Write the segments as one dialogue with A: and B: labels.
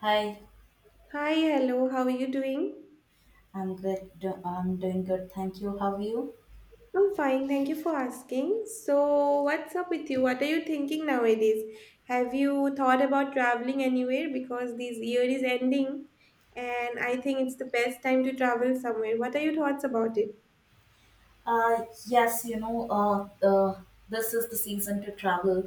A: Hi,
B: Hi, hello, how are you doing?
A: I'm good. I'm doing good. Thank you. How are you?
B: I'm fine, thank you for asking. So, what's up with you? What are you thinking nowadays? Have you thought about traveling anywhere? Because this year is ending, and I think it's the best time to travel somewhere. What are your thoughts about it?
A: Yes, this is the season to travel.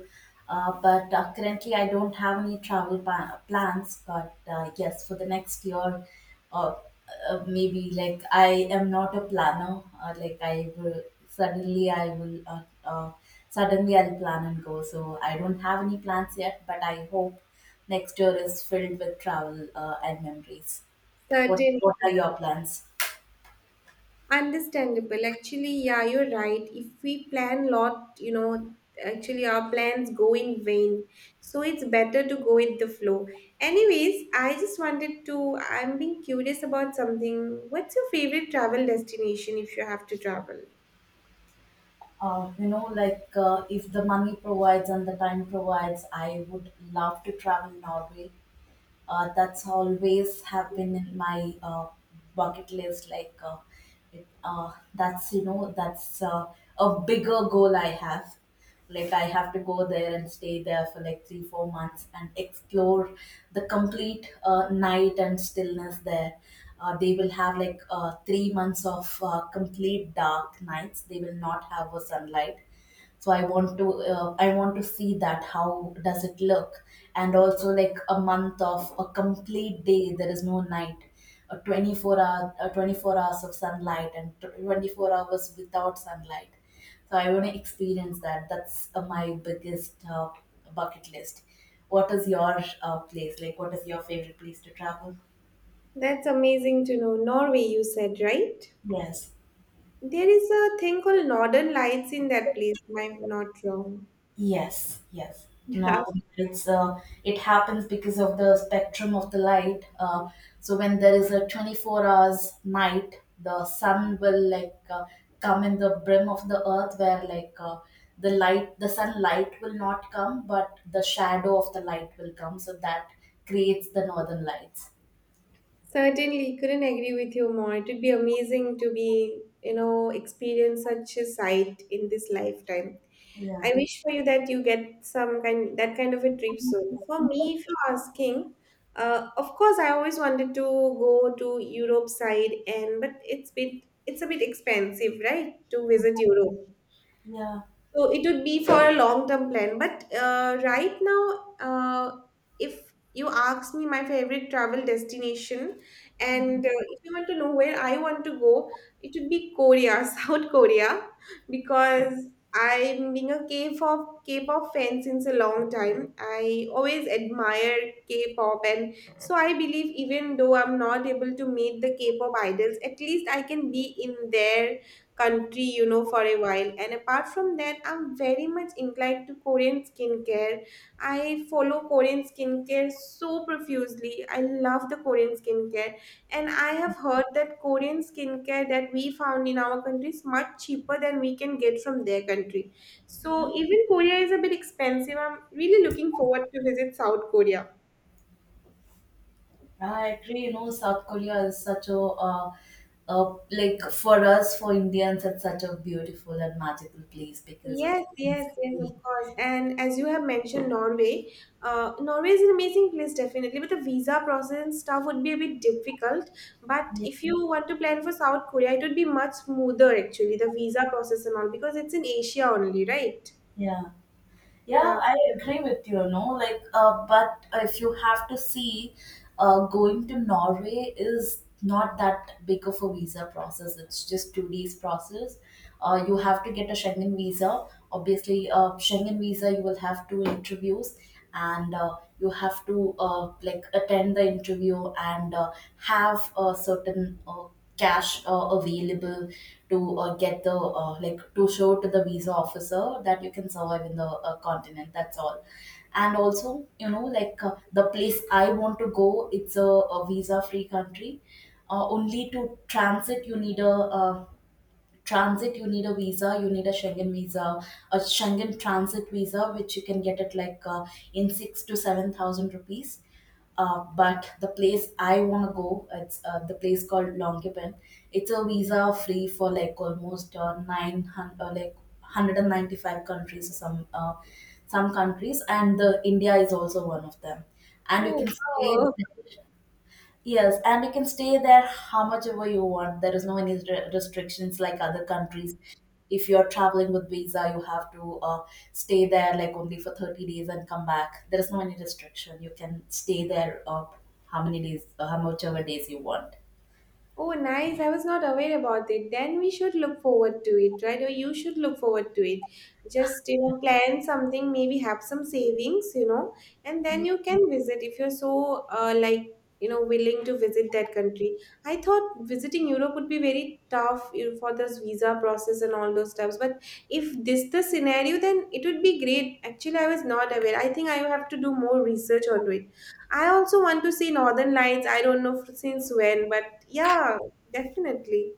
A: But currently I don't have any travel plans. But yes, for the next year, uh, maybe like I am not a planner. Like I will suddenly I'll plan and go. So I don't have any plans yet, but I hope next year is filled with travel and memories. What
B: Certainly.
A: What are your plans?
B: Understandable. Actually, yeah, you're right. If we plan lot, actually our plans go in vain. So it's better to go with the flow. Anyways, I just wanted to, I'm being curious about something. What's your favorite travel destination if you have to travel?
A: Like if the money provides and the time provides, I would love to travel Norway. That's always have been in my bucket list, that's you know that's a bigger goal I have. Like I have to go there and stay there for like 3 4 months and explore the complete night and stillness there. They will have 3 months of complete dark nights. They will not have a sunlight. So I want to see that how does it look. And also like a month of a complete day, there is no night. A 24 hours of sunlight, and 24 hours without sunlight. So I want to experience that. That's my biggest bucket list. What is your place like what is your favorite place to travel?
B: That's amazing to know. Norway, you said, right?
A: Yes.
B: There is a thing called Northern Lights in that place, if I'm not wrong.
A: Yes, yes. Northern lights. It happens because of the spectrum of the light. So when there is a 24 hours night, the sun will come in the brim of the earth where the sunlight will not come, but the shadow of the light will come. So that creates the northern lights.
B: Certainly, couldn't agree with you more. It would be amazing to be, experience such a sight in this lifetime.
A: Yeah,
B: I wish for you that you get some kind that kind of a trip soon. For me, if you're asking, of course, I always wanted to go to Europe side, and but it's a bit expensive, right, to visit Europe.
A: yeah,
B: So it would be for a long-term plan. But right now, uh, if you ask me my favorite travel destination, and if you want to know where I want to go, it would be Korea, South Korea, because I'm being a K-pop fan since a long time. I always admire K-pop, and so I believe even though I'm not able to meet the K-pop idols, at least I can be in their country, for a while. And apart from that, I'm very much inclined to Korean skincare. I follow Korean skincare so profusely. I love the Korean skincare. And I have heard that Korean skincare that we found in our country is much cheaper than we can get from their country.
A: yeah.
B: So even Korea is a bit expensive. I'm really looking forward to visit South Korea.
A: I agree. You know, South Korea is such a, like for us, for Indians, it's such a beautiful and magical place because of.
B: Yes, yes, yes, of course. And as you have mentioned, Norway is an amazing place, definitely. But the visa process and stuff would be a bit difficult. But
A: Yeah.
B: if you want to plan for South Korea, it would be much smoother, actually, the visa process and all, because it's in Asia only, right?
A: Yeah. Yeah,
B: Yeah.
A: I agree with you, no, like, but if you have to see, going to Norway is not that big of a visa process. It's just 2 days process. You have to get a Schengen visa. Obviously, Schengen visa, you will have two interviews, and you have to like attend the interview, and have a certain cash available to get the, like to show to the visa officer that you can survive in the continent. That's all. And also, like the place I want to go, it's a visa free country. Only to transit you need a, transit you need a visa, you need a Schengen visa, a Schengen transit visa, which you can get it like in 6 to 7,000 rupees. But the place I want to go, it's the place called Longkepen. It's a visa free for like almost 900, like 195 countries or some countries, and the India is also one of them. And you
B: Oh,
A: can
B: wow.
A: stay. Yes, and you can stay there how much ever you want. There is no any restrictions like other countries. If you're traveling with visa, you have to stay there like only for 30 days and come back. There is no any restriction. You can stay there, how many days, how much ever days you want.
B: Oh, nice. I was not aware about it. Then we should look forward to it, right? Or you should look forward to it. Just, plan something, maybe have some savings, and then you can visit if you're so, like, willing to visit that country. I thought visiting Europe would be very tough, for this visa process and all those stuffs. But if this the scenario, then it would be great. Actually, I was not aware. I think I have to do more research on it. I also want to see Northern Lights. I don't know since when, but yeah, definitely.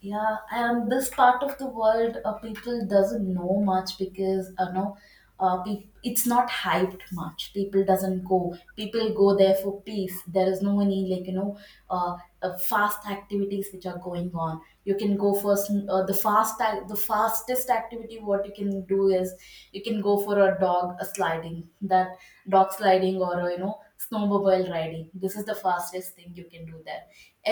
A: Yeah, and this part of the world, people doesn't know much because you know, it's not hyped much. People doesn't go. People go there for peace. There is no any fast activities which are going on. You can go for the fastest activity. What you can do is you can go for a dog a sliding. That rock sliding or, you know, snowmobile riding, this is the fastest thing you can do there.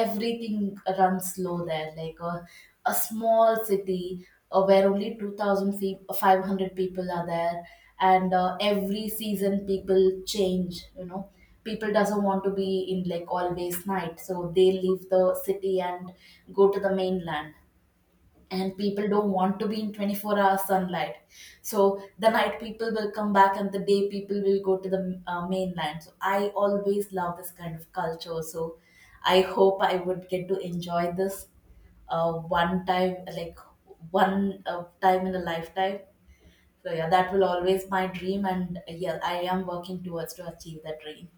A: Everything runs slow there, like a small city where only 2,500 people are there. And every season people change, you know. People doesn't want to be in like always night, so they leave the city and go to the mainland. And people don't want to be in 24-hour sunlight. So the night people will come back, and the day people will go to the mainland. So I always love this kind of culture. So I hope I would get to enjoy this one time, like one time in a lifetime. So yeah, that will always my dream. And yeah, I am working towards to achieve that dream.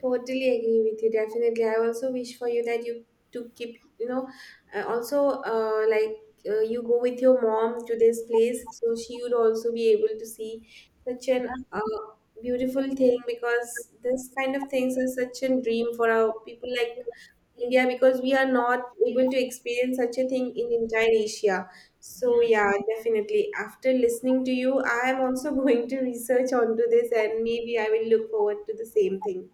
B: Totally agree with you. Definitely. I also wish for you that you to keep, also like you go with your mom to this place, so she would also be able to see such an
A: Yeah,
B: beautiful thing, because this kind of things are such a dream for our people like India, because we are not able to experience such a thing in entire Asia. So
A: yeah.
B: yeah, definitely. After listening to you, I am also going to research onto this, and maybe I will look forward to the same thing.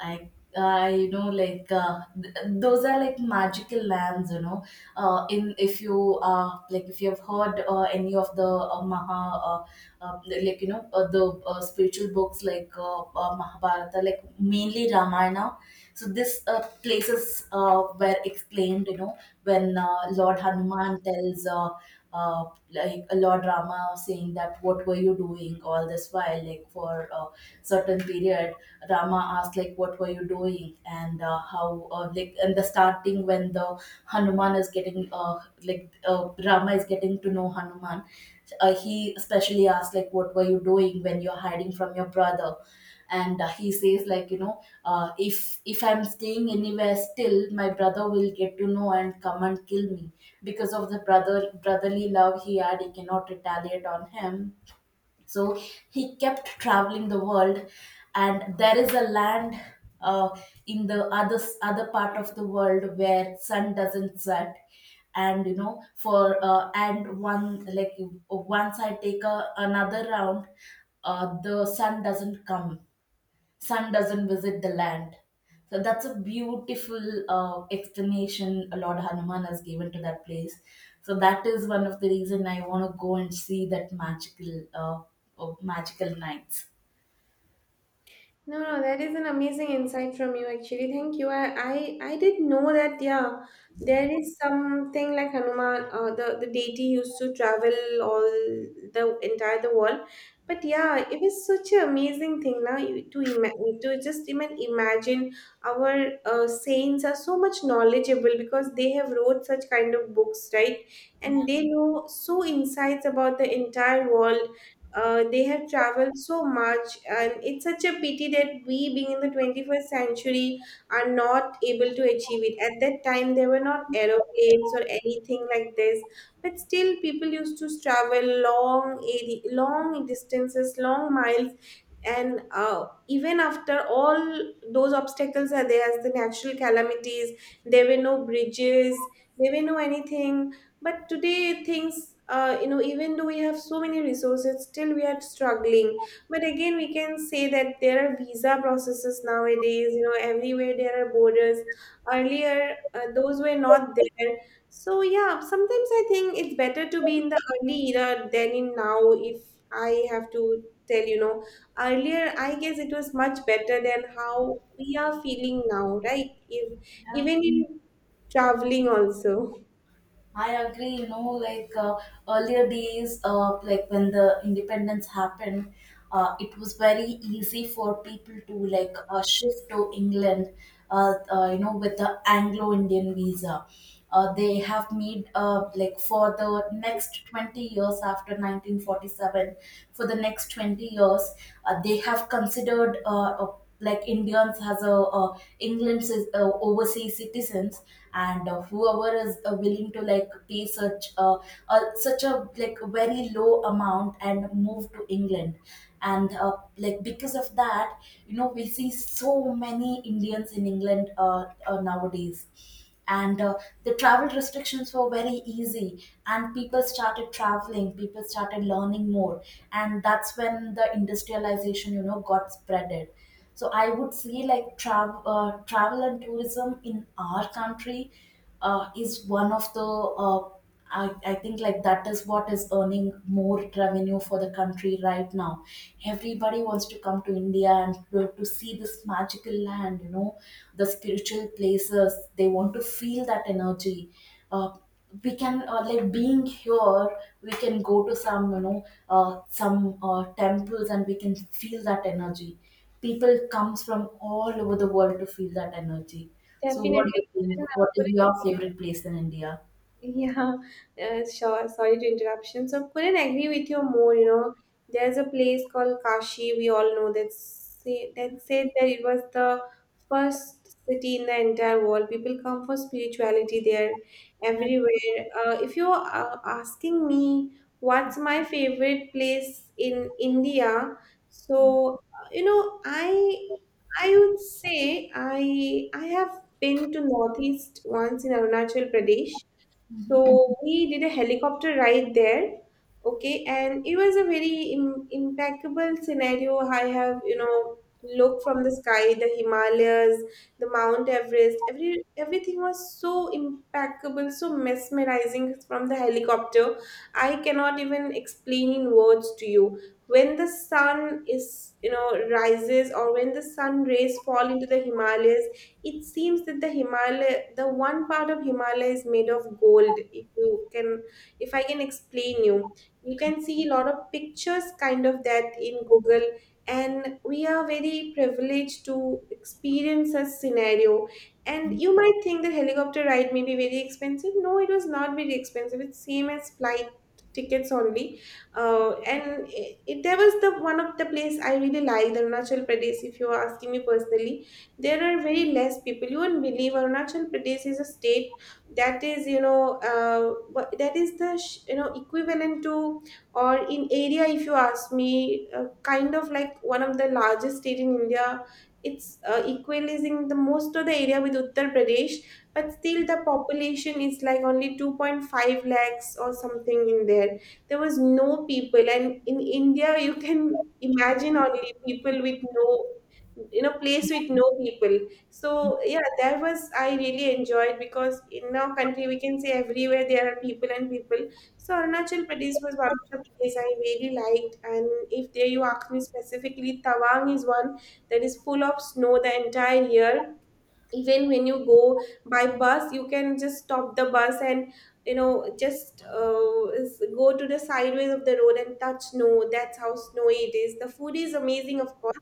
A: I I those are like magical lands, you know. In If you have heard any of the Maha the spiritual books, like Mahabharata, like mainly Ramayana. So this places were explained, you know, when Lord Hanuman tells, uh, like, a law drama, saying that, what were you doing all this while, like for a certain period. Rama asked, like, what were you doing. And how like in the starting, when the hanuman is getting like Rama is getting to know Hanuman. He especially asked, like, what were you doing when you're hiding from your brother. And he says, like, if I'm staying anywhere, still my brother will get to know and come and kill me. Because of the brotherly love he had, he cannot retaliate on him. So he kept traveling the world. And there is a land, uh, in the other part of the world where sun doesn't set. And you know for and one like once I take another round, the sun doesn't come. Sun doesn't visit the land. So that's a beautiful explanation Lord Hanuman has given to that place. So that is one of the reason I want to go and see that magical nights.
B: No, no, that is an amazing insight from you actually. Thank you. I did know that, yeah, there is something like Hanuman, the deity used to travel all the entire the world. But yeah, it is such an amazing thing now you, to just even imagine our saints are so much knowledgeable, because they have wrote such kind of books, right?
A: Yeah.
B: And they know so insights about the entire world. They have traveled so much, and it's such a pity that we, being in the 21st century, are not able to achieve it. At that time, there were not aeroplanes or anything like this, but still, people used to travel long, long distances, long miles. And even after all those obstacles are there, as the natural calamities, there were no bridges, there were no anything. But today, things, even though we have so many resources, still we are struggling. But again, we can say that there are visa processes nowadays, everywhere there are borders. Earlier, those were not there. So yeah, sometimes I think it's better to be in the early era than in now. If I have to tell. Earlier I guess it was much better than how we are feeling now, right? If, even in traveling also.
A: I agree. You know, like earlier days, like when the independence happened, it was very easy for people to like shift to England. You know, with the Anglo-Indian visa, they have made, like, for the next 20 years after 1947, for the next 20 years, they have considered, like, Indians has a, England's is, overseas citizens. And whoever is willing to like pay such, such a, like, very low amount and move to England. And like because of that, you know, we see so many Indians in England nowadays. And the travel restrictions were very easy, and people started traveling, people started learning more. And that's when the industrialization, you know, got spreaded. So I would say, like, travel and tourism in our country is one of the, I think like that is what is earning more revenue for the country right now. Everybody wants to come to India and to see this magical land, you know, the spiritual places. They want to feel that energy. Uh, we can, like being here, we can go to some you know some temples and we can feel that energy. People comes from all over the world to feel that energy. So
B: Definitely.
A: what
B: And,
A: do you think? What
B: uh,
A: is your favorite place in India?
B: Yeah, uh, sure. Sorry to interruption. So couldn't agree with you more. You know, there's a place called Kashi. We all know that say that said that it was the first city in the entire world. People come for spirituality there, everywhere. If you're asking me what's my favorite place in India, so I would say I have been to Northeast once in Arunachal Pradesh, so we did a helicopter ride there. Okay, and it was a very impeccable scenario. I have, looked from the sky, the Himalayas, the Mount Everest, everything was so impeccable, so mesmerizing from the helicopter. I cannot even explain in words to you. When the sun rises, or when the sun rays fall into the Himalayas, it seems that the Himalaya, the one part of Himalaya is made of gold. If I can explain you, you can see a lot of pictures kind of that in Google, and we are very privileged to experience such scenario. And you might think that helicopter ride may be very expensive. No, it was not very expensive. It's same as flight tickets only. And there was the one of the place I really liked, Arunachal Pradesh. If you are asking me personally, there are very less people. You won't believe Arunachal Pradesh is a state that is, that is the equivalent to, or in area, if you ask me, kind of like one of the largest state in India. It's equalizing the most of the area with Uttar Pradesh, but still the population is like only 2.5 lakhs or something in there. There was no people, and in India, you can imagine only people with no, in a place with no people. So yeah, that was, I really enjoyed, because in our country we can say everywhere there are people and people. So Arunachal Pradesh was one of the place I really liked, and if there you ask me specifically, Tawang is one that is full of snow the entire year. Even when you go by bus, you can just stop the bus, and you know just go to the sideways of the road and touch snow. That's how snowy it is. The food is amazing, of course.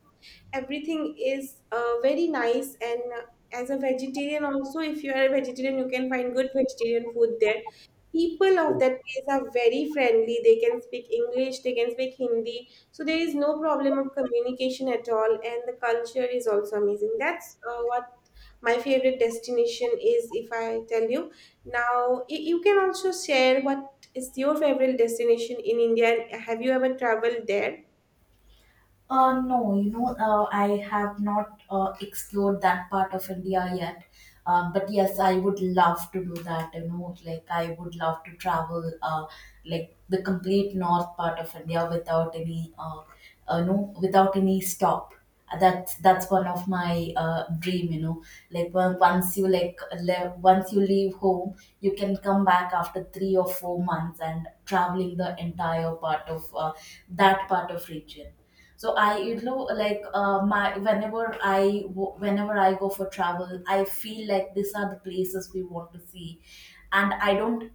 B: Everything is very nice, and as a vegetarian also, if you are a vegetarian, you can find good vegetarian food there. People of that place are very friendly, they can speak English, they can speak Hindi. So there is no problem of communication at all, and the culture is also amazing. That's what my favorite destination is, if I tell you. Now, you can also share, what is your favorite destination in India, and have you ever traveled there?
A: No, I have not explored that part of India yet. But yes, I would love to do that. You know, like I would love to travel, like the complete north part of India without no, without any stop. That's one of my dream. You know, like when, once you like once you leave home, you can come back after 3 or 4 months and traveling the entire part of that part of region. So I you know like my whenever I go for travel, I feel like these are the places we want to see, and I don't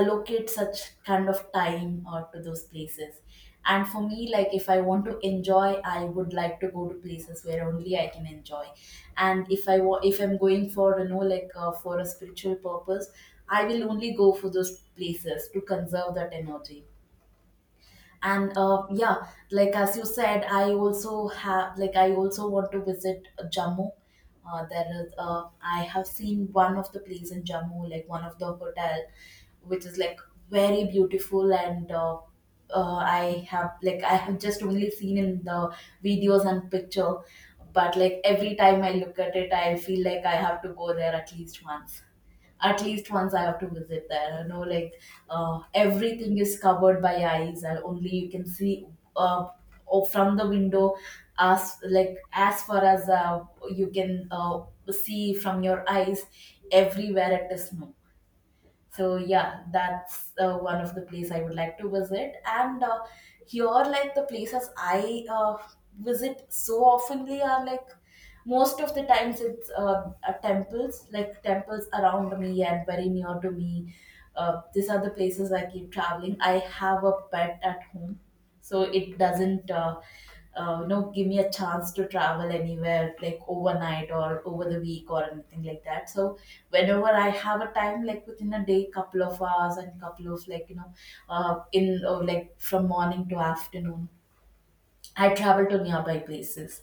A: allocate such kind of time to those places. And for me, like if I want to enjoy, I would like to go to places where only I can enjoy. And if I'm going for for a spiritual purpose, I will only go for those places to conserve that energy. And yeah, like as you said, I also want to visit Jammu. There is I have seen one of the place in Jammu, like one of the hotel, which is like very beautiful, and I have just only seen in the videos and picture. But like every time I look at it, I feel like I have to go there at least once. At least once I have to visit there, you know, like everything is covered by ice, and only you can see uh, or from the window, as as far as you can see from your eyes, everywhere it is snow. So yeah, that's one of the place I would like to visit. And here, like the places I visit so oftenly are like, most of the times it's temples, like temples around me and very near to me. These are the places I keep traveling. I have a pet at home, so it doesn't give me a chance to travel anywhere like overnight or over the week or anything like that. So whenever I have a time, like within a day, couple of hours and couple of, like you know in like from morning to afternoon, I travel to nearby places.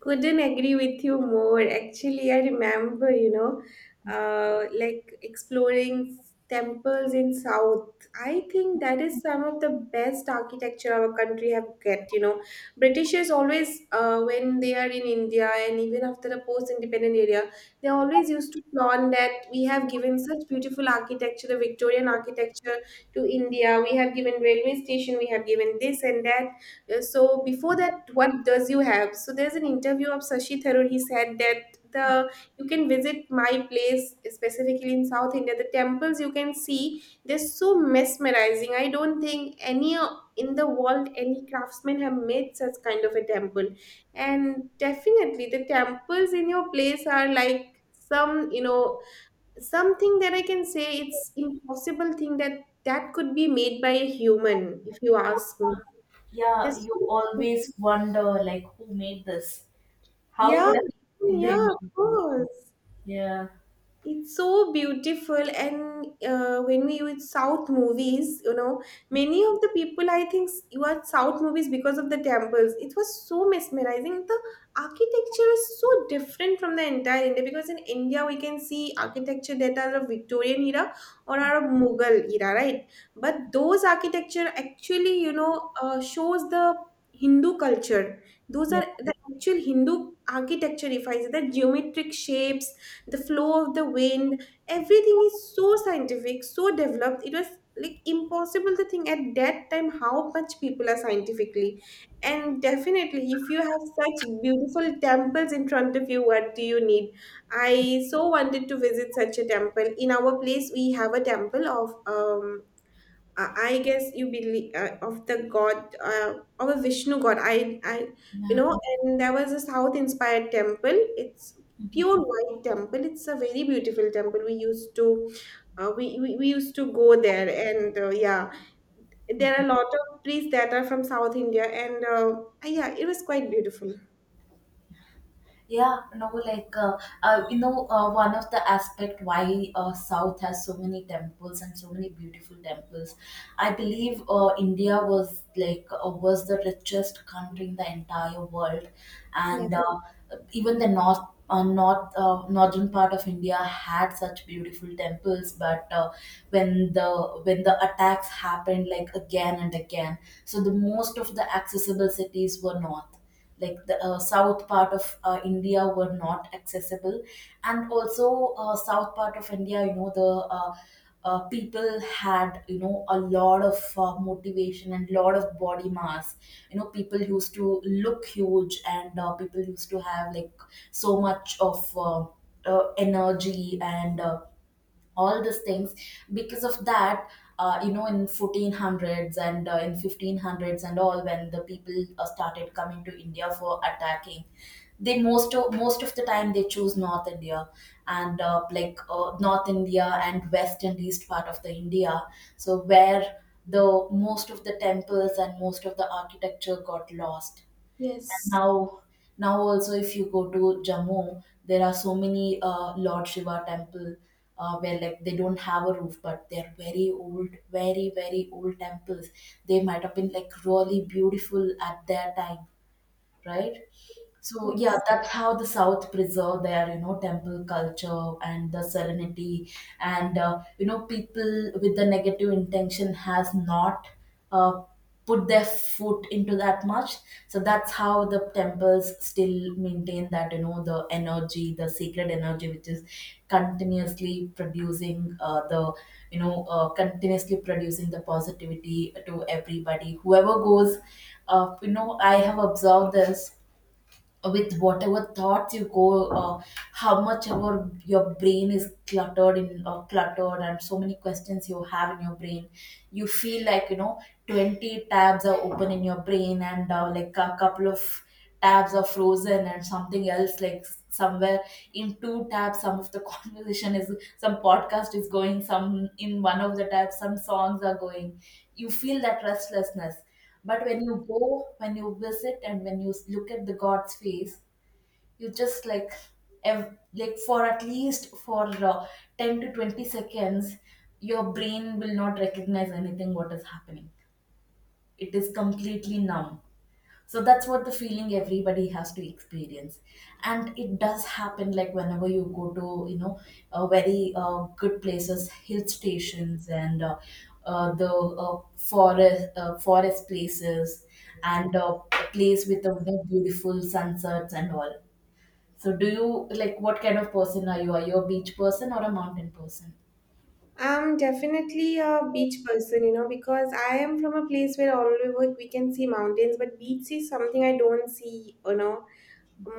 B: Couldn't agree with you more. Actually, I remember, like exploring temples in South. I think that is some of the best architecture our country have get. You know, Britishers always, when they are in India and even after the post-independent area, they always used to flaunt that we have given such beautiful architecture, the Victorian architecture to India. We have given railway station. We have given this and that. So before that, what does you have? So there's an interview of Sashi Tharoor. He said that the you can visit my place specifically in South India. The temples you can see, they're so mesmerizing. I don't think any in the world, any craftsmen have made such kind of a temple. And definitely the temples in your place are like some something that I can say it's impossible thing that could be made by a human, if you ask me.
A: Yeah,
B: This.
A: you always wonder like who made this. how
B: Yeah,
A: could I- they
B: yeah,
A: made
B: of
A: this?
B: course
A: Yeah,
B: it's so beautiful. And when we with south movies, you know, many of the people I think you are south movies because of the temples. It was so mesmerizing. The architecture is so different from the entire India, because in India we can see architecture that are of Victorian era or are of Mughal era, right? But those architecture actually, you know, shows the Hindu culture. Those
A: yeah,
B: are the actual Hindu architecture. If I say, the geometric shapes, the flow of the wind, everything is so scientific, so developed. It was like impossible to think at that time how much people are scientifically. And definitely if you have such beautiful temples in front of you, what do you need? I so wanted to visit such a temple. In our place we have a temple of I. I guess you believe of the god of a Vishnu god. You
A: yeah.
B: know, and there was a South inspired temple. It's
A: Mhm.
B: pure white temple. It's a very beautiful temple. We used to, we used to go there, and yeah, there are a lot of priests that are from South India, and yeah, it was quite beautiful.
A: Yeah, no, like one of the aspect why South has so many temples and so many beautiful temples. I believe India was was the richest country in the entire world, and
B: Yes,
A: even the north northern part of India had such beautiful temples, but when the when the attacks happened, like again and again. So the most of the accessible cities were north, like the south part of India were not accessible. And also south part of India, you know the. People had, you know, a lot of motivation and lot of body mass. You know, people used to look huge, and people used to have like so much of energy and all these things. Because of that, you know, in 1400s and in 1500s and all, when the people started coming to India for attacking, they most of the time they choose north India. And north India and west and east part of the India, so where the most of the temples and most of the architecture got lost. And
B: yes,
A: now, now also, if you go to Jammu, there are so many Lord Shiva temple, where like they don't have a roof, but they're very old, very very old temples. They might have been like really beautiful at their time, right? So yeah,
B: yes.
A: that's how the South preserve their, you know, temple culture and the serenity, and you know, people with the negative intention has not uh, put their foot into that much. So that's how the temples still maintain that, you know, the energy, the sacred energy, which is continuously producing the you know continuously producing the positivity to everybody. Whoever goes, you know, I have observed this. With whatever thoughts you go, how much ever your brain is cluttered in cluttered, and so many questions you have in your brain, you feel like, you know, 20 tabs are open in your brain, and like a couple of tabs are frozen, and something else, like somewhere in two tabs some of the conversation is, some podcast is going, some in one of the tabs some songs are going, you feel that restlessness. But when you go, when you visit, and when you look at the God's face, you just like, like for at least for uh, 10 to 20 seconds, your brain will not recognize anything what is happening. It is completely numb. So that's what the feeling everybody has to experience, and it does happen. Like whenever you go to, you know, very good places, hill stations, and the forest forest places, and a place with the you beautiful sunsets and all. So do you like, what kind of person are you? Are you a beach person or a mountain person?
B: I'm definitely a beach person, you know, because I am from a place where all over we can see mountains, but beach is something I don't see, you know,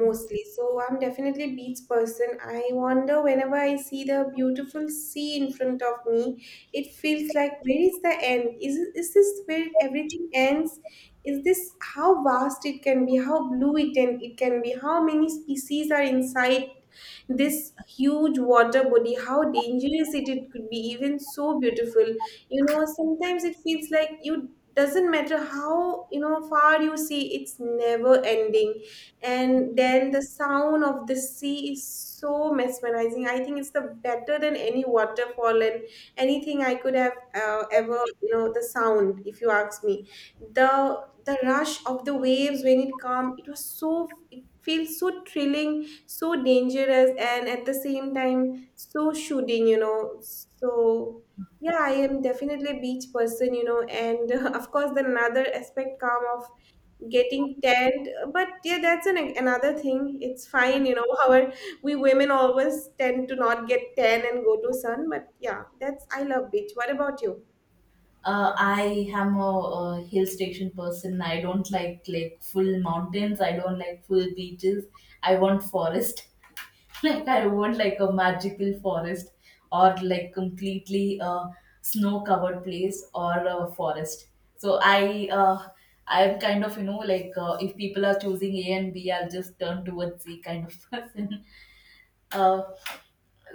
B: mostly. So I'm definitely a beach person. I wonder whenever I see the beautiful sea in front of me, it feels like where is the end? Is this where everything ends? Is this how vast it can be, how blue it can be, how many species are inside this huge water body, how dangerous it could be, even so beautiful. You know, sometimes it feels like you, doesn't matter how, you know, far you see, it's never ending. And then the sound of the sea is so mesmerizing. I think it's the better than any waterfall and anything I could have ever, you know, the sound, if you ask me, the rush of the waves when it come, it was so, it feels so thrilling, so dangerous, and at the same time so shooting, you know. So yeah, I am definitely a beach person, you know. And of course the another aspect come of getting tanned, but yeah, that's an another thing. It's fine, you know. However, we women always tend to not get tan and go to sun. But yeah, that's, I love beach. What about you?
A: I am a hill station person. I don't like full mountains. I don't like full beaches. I want forest. Like I want like a magical forest, or like completely a snow covered place or a forest. So I'm kind of, you know, like if people are choosing A and B, I'll just turn towards C kind of person. Uh,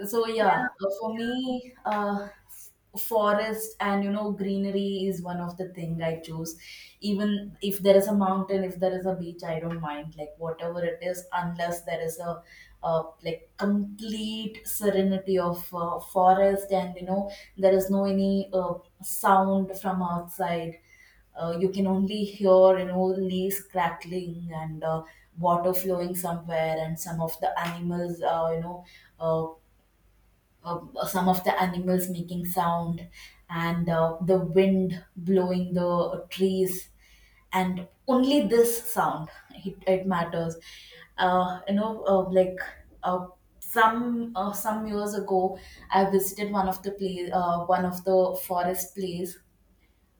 A: so yeah,
B: Yeah,
A: for
B: yeah.
A: me, forest and, you know, greenery is one of the thing I choose. Even if there is a mountain, if there is a beach, I don't mind. Like whatever it is, unless there is a like complete serenity of forest, and you know, there is no any sound from outside. You can only hear, you know, leaves crackling, and water flowing somewhere, and some of the animals uh uh, some of the animals making sound, and the wind blowing the trees, and only this sound it matters. uh, you know uh, like uh, some some years ago I visited one of the place, one of the forest place.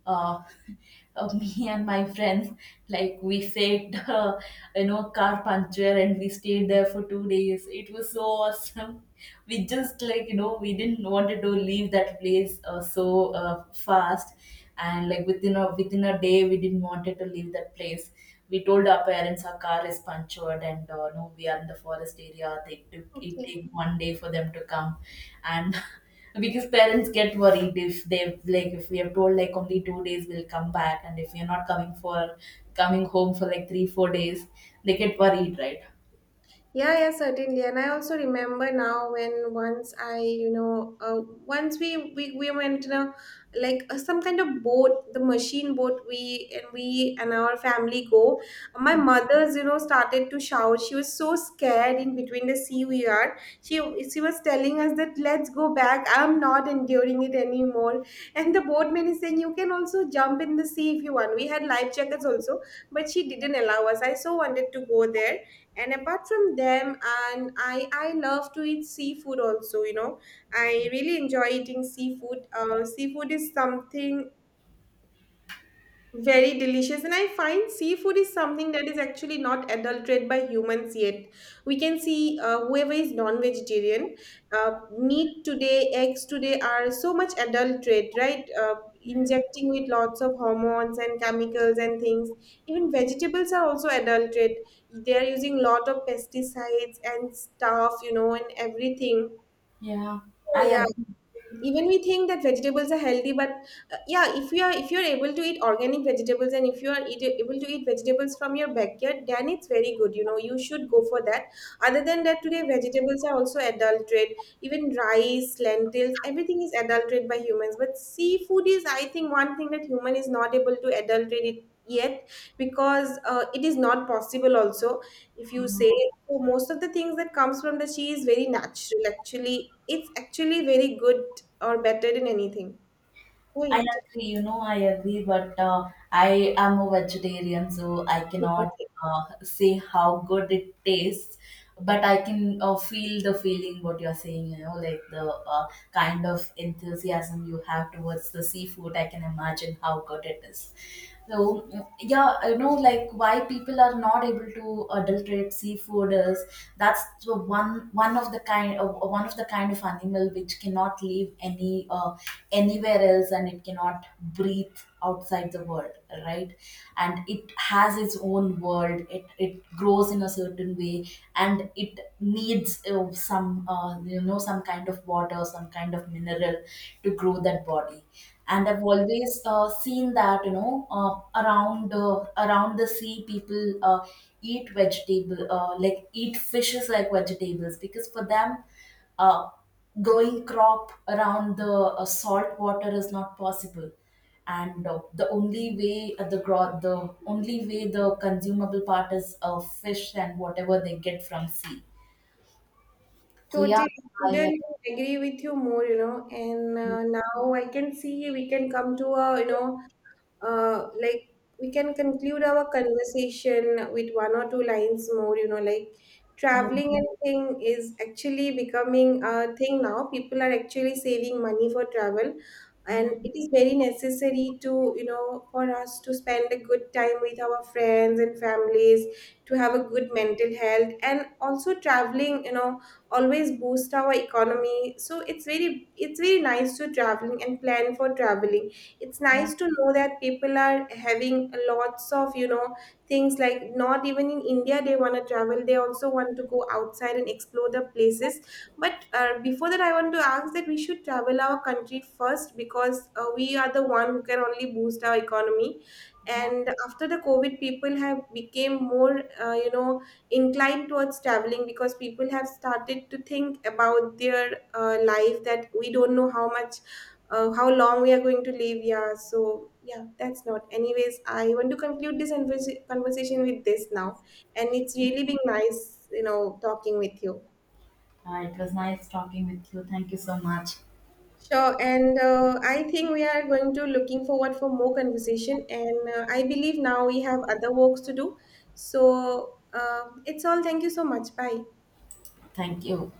A: uh, Me and my friends, like we faked, you know, car puncture, and we stayed there for 2 days. It was so awesome. We just like, you know, we didn't wanted to leave that place so fast. And like within a within a day we didn't wanted to leave that place. We told our parents our car is punctured, and no, we are in the forest area. They
B: Okay.
A: took 1 day for them to come. And because parents get worried if they've, like if we have told like only 2 days we'll come back, and if we are not coming for coming home for like 3 or 4 days, they get worried, right?
B: Yeah, yeah, certainly. And I also remember now, when once I, you know, once we, we went in a like some kind of boat, the machine boat. We and our family go. My mother's, you know, started to shout. She was so scared. In between the sea we are. She she was telling us that let's go back. I'm not enduring it anymore. And the boatman is saying you can also jump in the sea if you want. We had life jackets also, but she didn't allow us. I so wanted to go there, and apart from them, and I love to eat seafood also, you know. I really enjoy eating seafood. Seafood is something very delicious, and I find seafood is something that is actually not adulterated by humans yet. We can see whoever is non-vegetarian, uh, meat today, eggs today are so much adulterated, right? Injecting with lots of hormones and chemicals and things. Even vegetables are also adulterated. They are using lot of pesticides and stuff, you know, and everything.
A: Yeah, i
B: So yeah,
A: agree
B: even we think that vegetables are healthy, but yeah, if you are, if you're able to eat organic vegetables, and if you are eat, able to eat vegetables from your backyard, then it's very good, you know, you should go for that. Other than that, today vegetables are also adulterated. Even rice, lentils, everything is adulterated by humans. But seafood is, I think, one thing that human is not able to adulterate it yet, because it is not possible also, if you say. So most of the things that comes from the sea is very natural, actually. It's actually very good or better in anything.
A: i
B: Wait.
A: agree you know, I agree. But I am a vegetarian, so I cannot say how good it tastes. But I can feel the feeling what you're saying, you know, like the uh, kind of enthusiasm you have towards the seafood. I can imagine how good it is. So mm, yeah, you know, like why people are not able to adulterate seafood is, that's the one of the kind of one of the kind of animal which cannot live any anywhere else, and it cannot breathe outside the world, right? And it has its own world. It grows in a certain way, and it needs some, you know, some kind of water, some kind of mineral to grow that body. And I've always seen that, you know, around the sea people eat vegetable, like eat fishes like vegetables, because for them uh, growing crop around the salt water is not possible. And the only way, the only way the consumable part is fish and whatever they get from sea. So yeah.
B: Totally
A: I
B: couldn't agree with you more, you know. And
A: Yeah,
B: now I can see we can come to a, you know, like, we can conclude our conversation with one or two lines more, you know, like,
A: yeah,
B: traveling and thing is actually becoming a thing now. People are actually saving money for travel, and it is very necessary to, you know, for us to spend a good time with our friends and families, to have a good mental health. And also traveling, you know, always boost our economy. So it's very, it's very nice to traveling and plan for traveling. It's
A: yeah,
B: nice to know that people are having lots of, you know, things, like not even in India they want to travel. They also want to go outside and explore the places. But before that, I want to ask that we should travel our country first, because we are the one who can only boost our economy.
A: yeah.
B: And after the COVID people have became more you know, inclined towards traveling, because people have started to think about their life, that we don't know how much, how long we are going to live. Yeah, so yeah, that's not, anyways, I want to conclude this conversation with this now, and it's really been nice, you know, talking with you.
A: It was nice talking with you. Thank you so much.
B: Sure, and I think we are going to looking forward for more conversation. And I believe now we have other works to do, so it's all. Thank you so much. Bye.
A: Thank you.